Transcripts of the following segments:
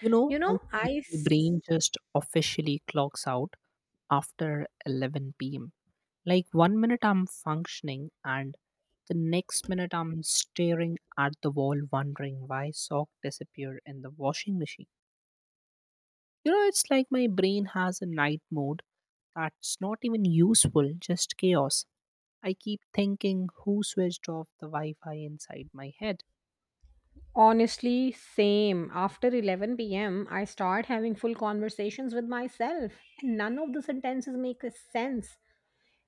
You know, You I know, think I my s- brain just officially clocks out after 11 p.m. Like one minute I'm functioning and the next minute I'm staring at the wall wondering why sock disappeared in the washing machine. You know, it's like my brain has a night mode that's not even useful, just chaos. I keep thinking who switched off the Wi Fi inside my head. Honestly, same. After 11 p.m., I start having full conversations with myself, and none of the sentences make a sense.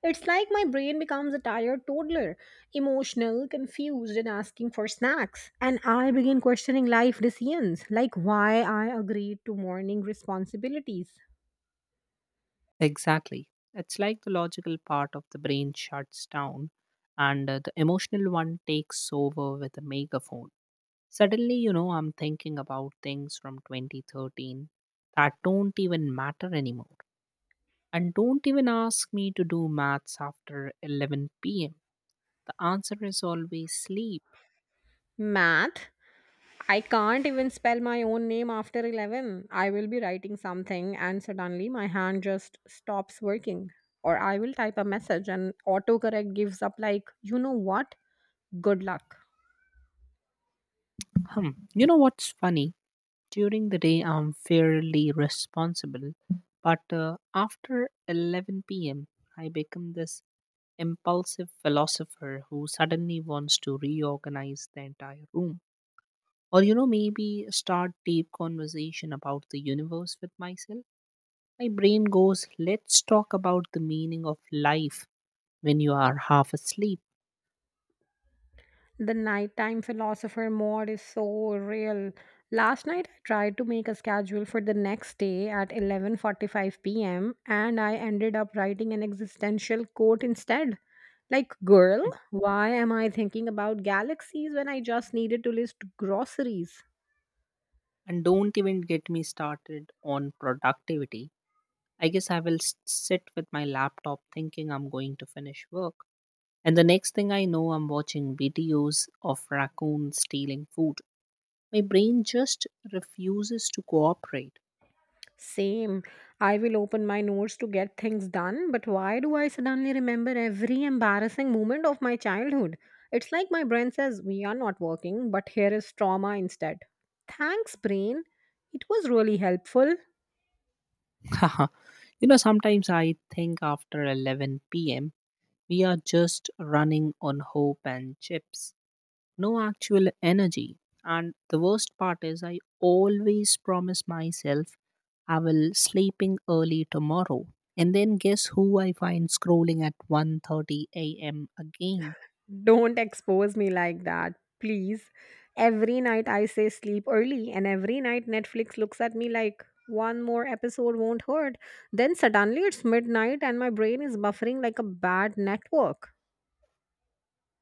It's like my brain becomes a tired toddler, emotional, confused, and asking for snacks. And I begin questioning life decisions, like why I agreed to morning responsibilities. Exactly. It's like the logical part of the brain shuts down and the emotional one takes over with a megaphone. Suddenly, I'm thinking about things from 2013 that don't even matter anymore. And don't even ask me to do maths after 11 p.m. The answer is always sleep. Math? I can't even spell my own name after 11. I will be writing something and suddenly my hand just stops working. Or I will type a message and autocorrect gives up, like, you know what? Good luck. Hmm. You know what's funny? During the day, I'm fairly responsible, but after 11 p.m., I become this impulsive philosopher who suddenly wants to reorganize the entire room, or maybe start deep conversation about the universe with myself. My brain goes, let's talk about the meaning of life when you are half asleep. The nighttime philosopher mode is so real. Last night I tried to make a schedule for the next day at 11:45 p.m. and I ended up writing an existential quote instead. Like, girl, Hmm. why am I thinking about galaxies when I just needed to list groceries? And don't even get me started on productivity. I guess I will sit with my laptop thinking I'm going to finish work, and the next thing I know, I'm watching videos of raccoons stealing food. My brain just refuses to cooperate. Same. I will open my notes to get things done, but why do I suddenly remember every embarrassing moment of my childhood? It's like my brain says, "We are not working, but here is trauma instead." Thanks, brain. It was really helpful. Sometimes I think after 11 p.m., we are just running on hope and chips, no actual energy. And the worst part is, I always promise myself I will sleeping early tomorrow. And then guess who I find scrolling at 1:30 a.m. again? Don't expose me like that, please. Every night I say sleep early, and every night Netflix looks at me like, one more episode won't hurt. Then suddenly it's midnight, and my brain is buffering like a bad network.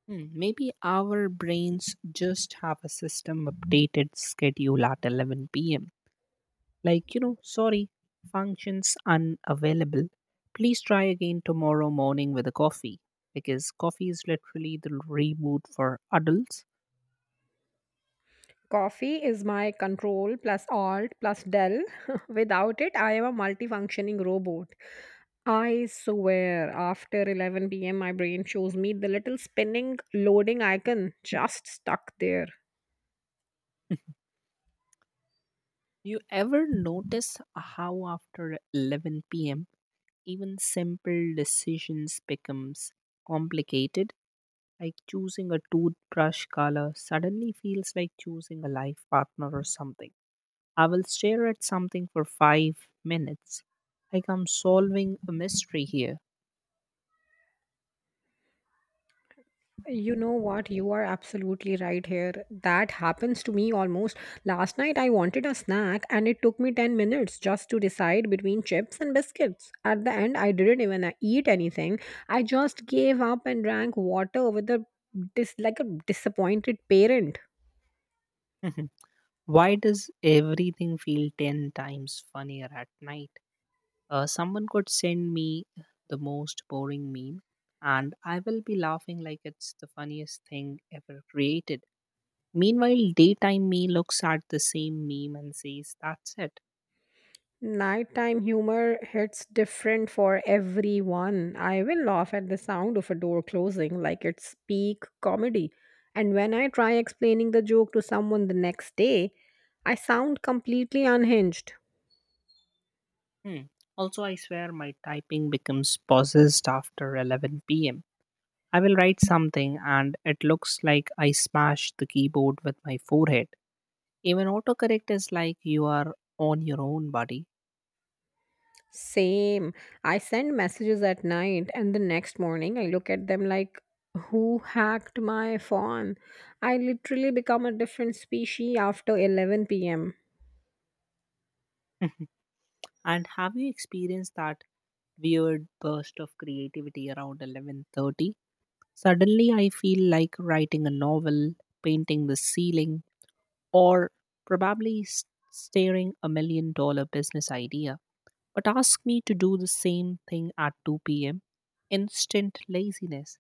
Hmm, maybe our brains just have a system updated schedule at 11 p.m., like, sorry, functions unavailable. Please try again tomorrow morning with a coffee, because coffee is literally the reboot for adults. Coffee is my control plus alt plus del. Without it, I am a multifunctioning robot. I swear, after 11 p.m., my brain shows me the little spinning loading icon just stuck there. You ever notice how after 11 p.m. even simple decisions becomes complicated? Like choosing a toothbrush color suddenly feels like choosing a life partner or something. I will stare at something for 5 minutes. Like I'm solving a mystery here. You know what? You are absolutely right here. That happens to me almost. Last night I wanted a snack and it took me 10 minutes just to decide between chips and biscuits. At the end, I didn't even eat anything. I just gave up and drank water with a like a disappointed parent. Why does everything feel 10 times funnier at night? Someone could send me the most boring meme, and I will be laughing like it's the funniest thing ever created. Meanwhile, daytime me looks at the same meme and says, "That's it." Nighttime humor hits different for everyone. I will laugh at the sound of a door closing like it's peak comedy. And when I try explaining the joke to someone the next day, I sound completely unhinged. Hmm. Also, I swear my typing becomes possessed after 11 pm. I will write something, and it looks like I smashed the keyboard with my forehead. Even autocorrect is like, you are on your own, buddy. Same. I send messages at night and the next morning I look at them like, who hacked my phone? I literally become a different species after 11 pm. Mhm. And have you experienced that weird burst of creativity around 11:30? Suddenly I feel like writing a novel, painting the ceiling, or probably staring $1 million business idea. But ask me to do the same thing at 2 p.m. Instant laziness.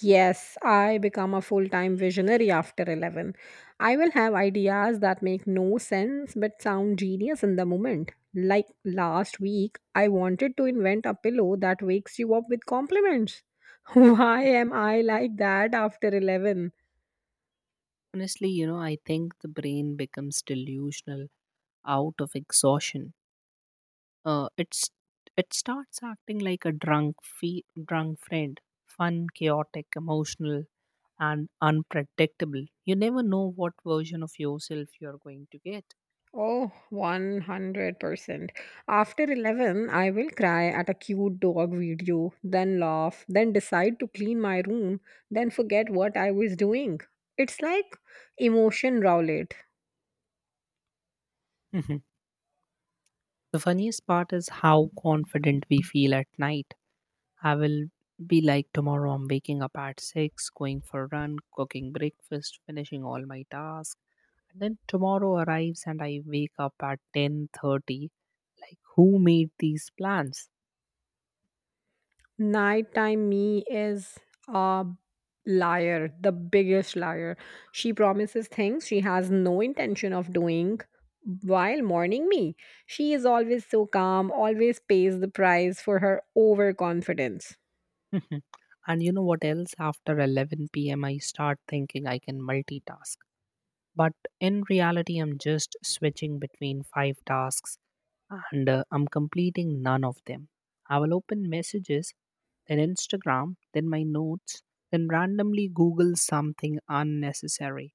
Yes, I become a full time visionary after 11. I will have ideas that make no sense but sound genius in the moment. Like last week, I wanted to invent a pillow that wakes you up with compliments. Why am I like that after 11? Honestly, I think the brain becomes delusional out of exhaustion. Uh, it's it starts acting like a drunk drunk friend, fun, chaotic, emotional, and unpredictable. You never know what version of yourself you're going to get. Oh, 100%. After 11, I will cry at a cute dog video, then laugh, then decide to clean my room, then forget what I was doing. It's like emotion roulette. Mhm. The funniest part is how confident we feel at night. I will be like, tomorrow I'm waking up at 6, going for a run, cooking breakfast, finishing all my tasks. And then tomorrow arrives and I wake up at 10:30, like, who made these plans? Nighttime me is a liar, the biggest liar. She promises things she has no intention of doing. While morning me, she is always so calm, always pays the price for her overconfidence. Mhm. And you know what else? After 11 p.m., I start thinking I can multitask. But in reality, I'm just switching between five tasks, and I'm completing none of them. I will open messages, then Instagram, then my notes, then randomly Google something unnecessary.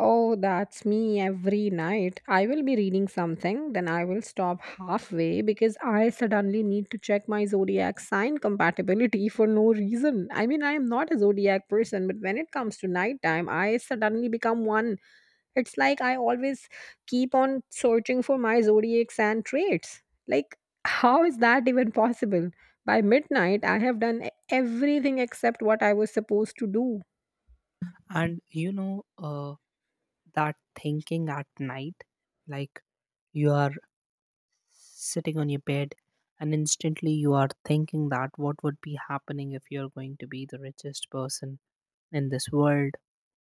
Oh, that's me every night. I will be reading something, then I will stop halfway because I suddenly need to check my zodiac sign compatibility for no reason. I mean, I am not a zodiac person, but when it comes to nighttime, I suddenly become one. It's like I always keep on searching for my zodiacs and traits. Like, how is that even possible? By midnight, I have done everything except what I was supposed to do. And you know, that thinking at night, like, you are sitting on your bed, and instantly you are thinking that what would be happening if you're going to be the richest person in this world,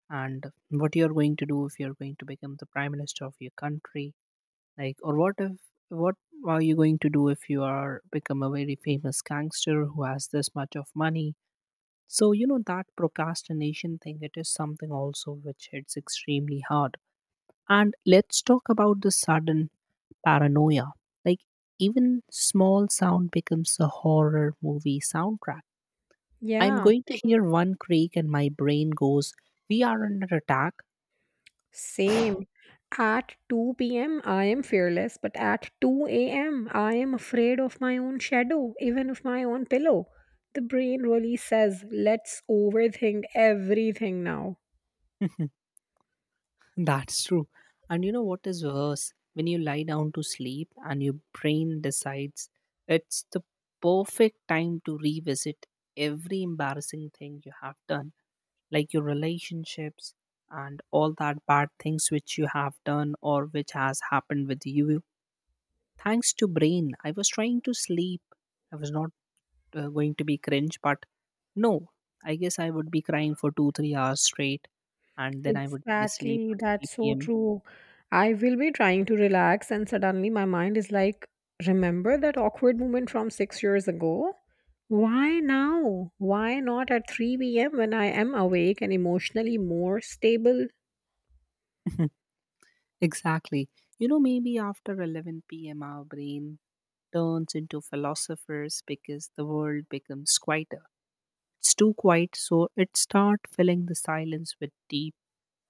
and what you're going to do if you're going to become the prime minister of your country, like, or what if, what are you going to do if you are become a very famous gangster who has this much of money? So you know that procrastination thing, it is something also which hits extremely hard. And let's talk about the sudden paranoia. Like, even small sound becomes a horror movie soundtrack. I'm Yeah, going to hear one creak and my brain goes, "We are under attack." same. At 2 p.m., I am fearless, but at 2 a.m., I am afraid of my own shadow, even of my own pillow. The brain really says, let's overthink everything now. That's true. And you know what is worse? When you lie down to sleep and your brain decides it's the perfect time to revisit every embarrassing thing you have done, like your relationships, and all that bad things which you have done or which has happened with you. Thanks to brain, I was trying to sleep. I was not going to be cringe, but no, I guess I would be crying for two, 3 hours straight, and then I would be asleep Exactly, at that's 3 so p.m. true. I will be trying to relax, and suddenly my mind is like, remember that awkward moment from 6 years ago? Why now? Why not at 3 p.m. when I am awake and emotionally more stable? Exactly. You know, maybe after 11 p.m., our brain turns into philosophers because the world becomes quieter. It's too quiet, so it starts filling the silence with deep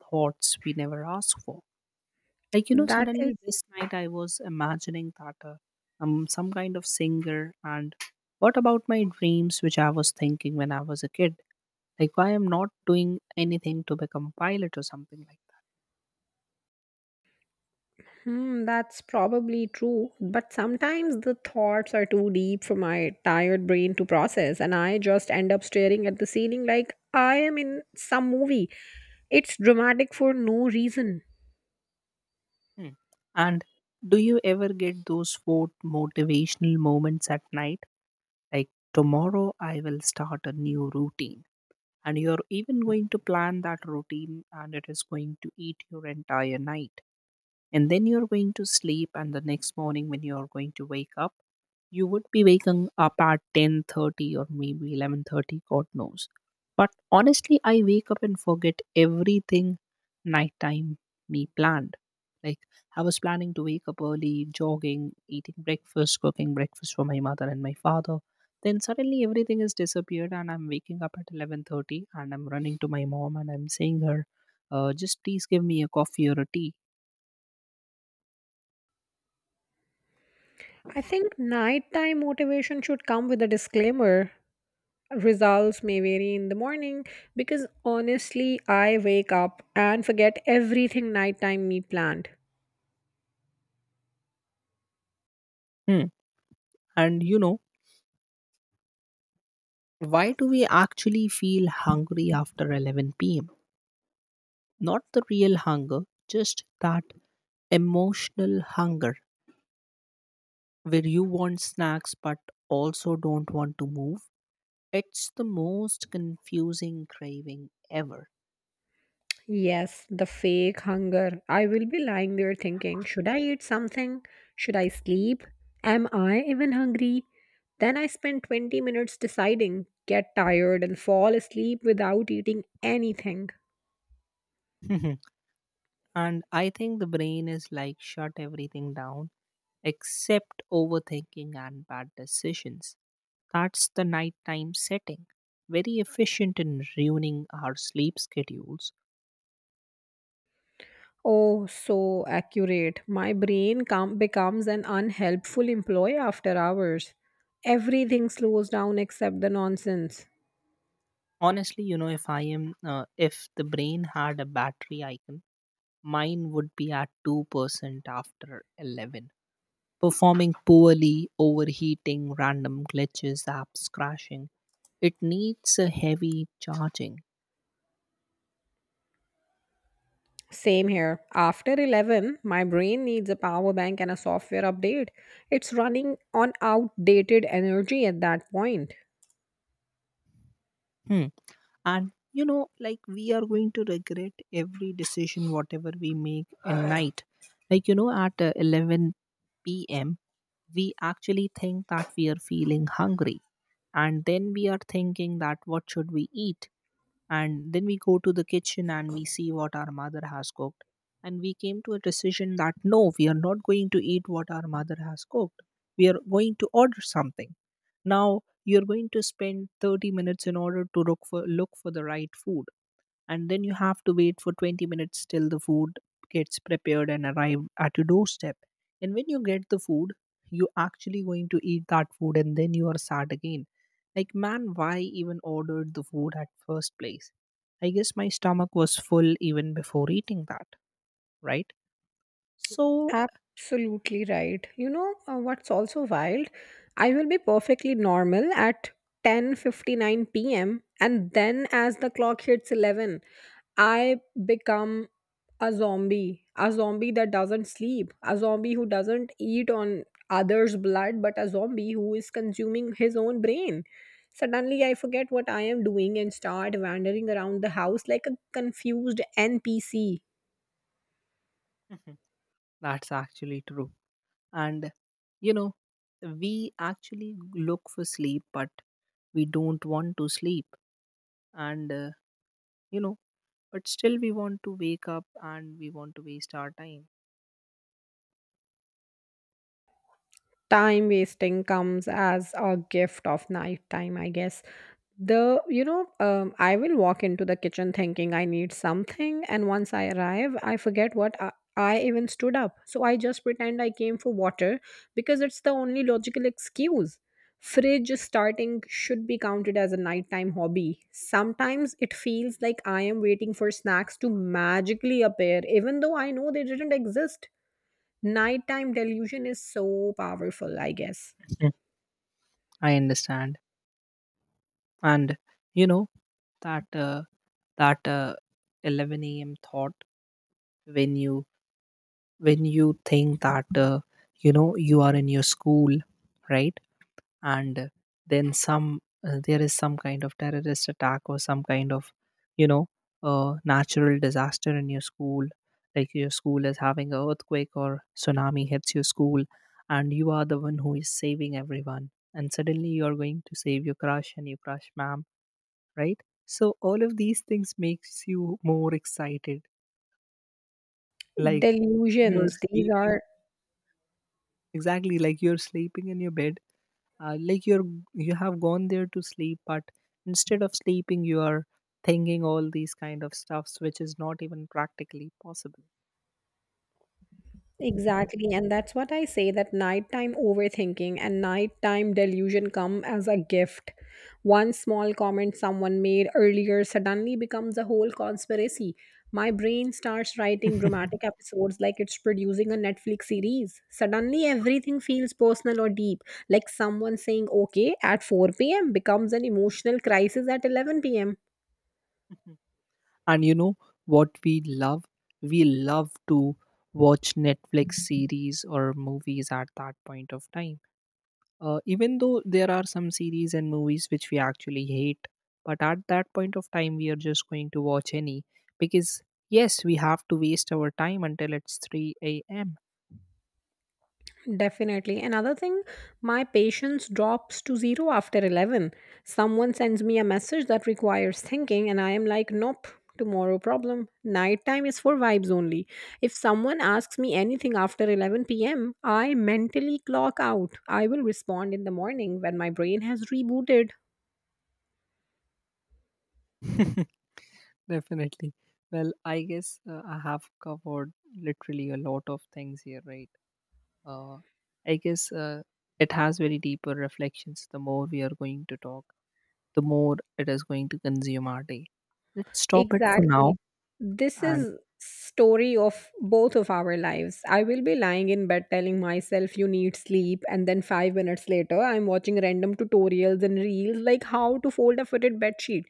thoughts we never ask for. Like, That suddenly is, this night I was imagining that I'm some kind of singer. And what about my dreams which I was thinking when I was a kid? Like, why I'm not doing anything to become pilot or something like that? hmm, that's probably true. But sometimes the thoughts are too deep for my tired brain to process, and I just end up staring at the ceiling like I am in some movie. It's dramatic for no reason. Hmm. And do you ever get those quote motivational moments at night, like, tomorrow I will start a new routine? And you're even going to plan that routine, and it is going to eat your entire night. And then you're going to sleep, and the next morning when you're going to wake up, you would be waking up at 10:30 or maybe 11:30, god knows. But honestly, I wake up and forget everything nighttime me planned. Like, I was planning to wake up early, jogging, eating breakfast, cooking breakfast for my mother and my father. Then suddenly everything has disappeared, and I'm waking up at 11:30, and I'm running to my mom, and I'm saying her, just please give me a coffee or a tea. I think nighttime motivation should come with a disclaimer. Results may vary in the morning because honestly, I wake up and forget everything nighttime me planned. Hmm. And you know, why do we actually feel hungry after 11 p.m.? Not the real hunger, just that emotional hunger where you want snacks but also don't want to move. It's the most confusing craving ever. Yes, the fake hunger. I will be lying there thinking, should I eat something? Should I sleep? Am I even hungry? Then I spend 20 minutes deciding, get tired, and fall asleep without eating anything. And I think the brain is like, shut everything down except overthinking and bad decisions. That's the nighttime setting. Very efficient in ruining our sleep schedules. Oh, so accurate. My brain becomes an unhelpful employee after hours. Everything slows down except the nonsense. Honestly, you know, if I am if the brain had a battery icon, mine would be at 2% after 11. Performing poorly, overheating, random glitches, apps crashing. It needs a heavy charging. Same here. After 11, my brain needs a power bank and a software update. It's running on outdated energy at that point. Hmm. And you know, like, we are going to regret every decision whatever we make at night. Like, at 11 p.m., we actually think that we are feeling hungry, and then we are thinking that what should we eat. And then we go to the kitchen and we see what our mother has cooked, and we came to a decision that no, we are not going to eat what our mother has cooked, we are going to order something. Now you're going to spend 30 minutes in order to look for the right food, and then you have to wait for 20 minutes till the food gets prepared and arrived at your doorstep. And when you get the food, you actually going to eat that food, and then you are sad again, like, man, why even ordered the food at first place? I guess my stomach was full even before eating that. Right? So Absolutely right. You know, what's also wild? I will be perfectly normal at 10:59 p.m. and then as the clock hits 11, I become a zombie that doesn't sleep, a zombie who doesn't eat on others' blood, but a zombie who is consuming his own brain. Suddenly, I forget what I am doing and start wandering around the house like a confused NPC. Mhm. That's actually true. And you know, we actually look for sleep but we don't want to sleep. And you know but still we want to wake up and we want to waste our time. Time wasting comes as a gift of nighttime, I guess. The you know I will walk into the kitchen thinking I need something, and once I arrive I forget what I even stood up, so I just pretend I came for water because it's the only logical excuse. Fridge starting should be counted as a nighttime hobby. Sometimes it feels like I am waiting for snacks to magically appear even though I know they didn't exist. Nighttime delusion is so powerful, I guess. Mm, I understand. And you know that that uh, 11 a.m. thought when you think that you know you are in your school, right? And then some there is some kind of terrorist attack or some kind of you know natural disaster in your school, like your school is having a earthquake or tsunami hits your school, and you are the one who is saving everyone, and suddenly you are going to save your crush and your crush ma'am, right? So all of these things makes you more excited, like, you're Delusions, these sleeping, are exactly like you're sleeping in your bed, like, you have gone there to sleep, but instead of sleeping you are thinking all these kind of stuffs which is not even practically possible. exactly, and that's what I say that nighttime overthinking and nighttime delusion come as a gift. One small comment someone made earlier suddenly becomes a whole conspiracy. My brain starts writing dramatic episodes like it's producing a Netflix series. Suddenly, everything feels personal or deep. Like someone saying okay at 4 p.m. becomes an emotional crisis at 11 pm. And you know what we love? We love to watch netflix series or movies at that point of time, even though there are some series and movies which we actually hate, but at that point of time we are just going to watch any, because yes, we have to waste our time until it's 3 a.m. Definitely. Another thing, my patience drops to zero after 11. Someone sends me a message that requires thinking, and I am like, nope, tomorrow problem. Nighttime is for vibes only. If someone asks me anything after 11 p.m., I mentally clock out. I will respond in the morning when my brain has rebooted. Definitely. Well, I guess I have covered literally a lot of things here, right? Uh, I guess it has very deeper reflections. The more we are going to talk, the more it is going to consume our day. Let's stop it for Exactly. now. This And is story of both of our lives. I will be lying in bed telling myself you need sleep and then 5 minutes later I'm watching random tutorials and reels like how to fold a fitted bed sheet.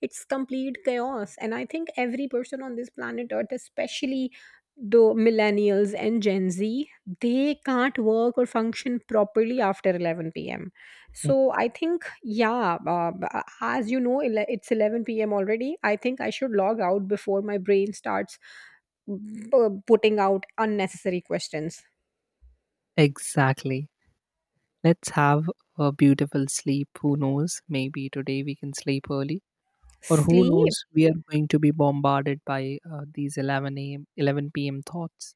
It's complete chaos, and I think every person on this planet earth, especially the millennials and Gen Z, they can't work or function properly after 11 p.m. So I think, yeah, as you know, it's 11 p.m. already. I think I should log out before my brain starts b- putting out unnecessary questions. Exactly, let's have a beautiful sleep. Who knows? Maybe today we can sleep early, or who Sleep, knows? We are going to be bombarded by these 11 a.m., 11 p.m. thoughts.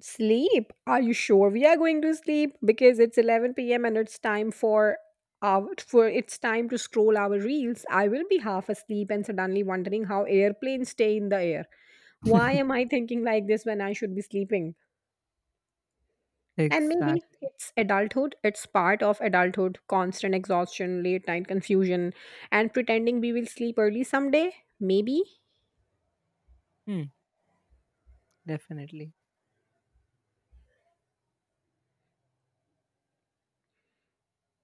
sleep. Are you sure we are going to sleep? Because it's 11 p.m. and it's time for our for it's time to scroll our reels. I will be half asleep and suddenly wondering how airplanes stay in the air. Why am I thinking like this when I should be sleeping? And maybe Exactly. it's adulthood. It's part of adulthood constant exhaustion, late night confusion, and pretending we will sleep early someday. Maybe. Hmm. Definitely.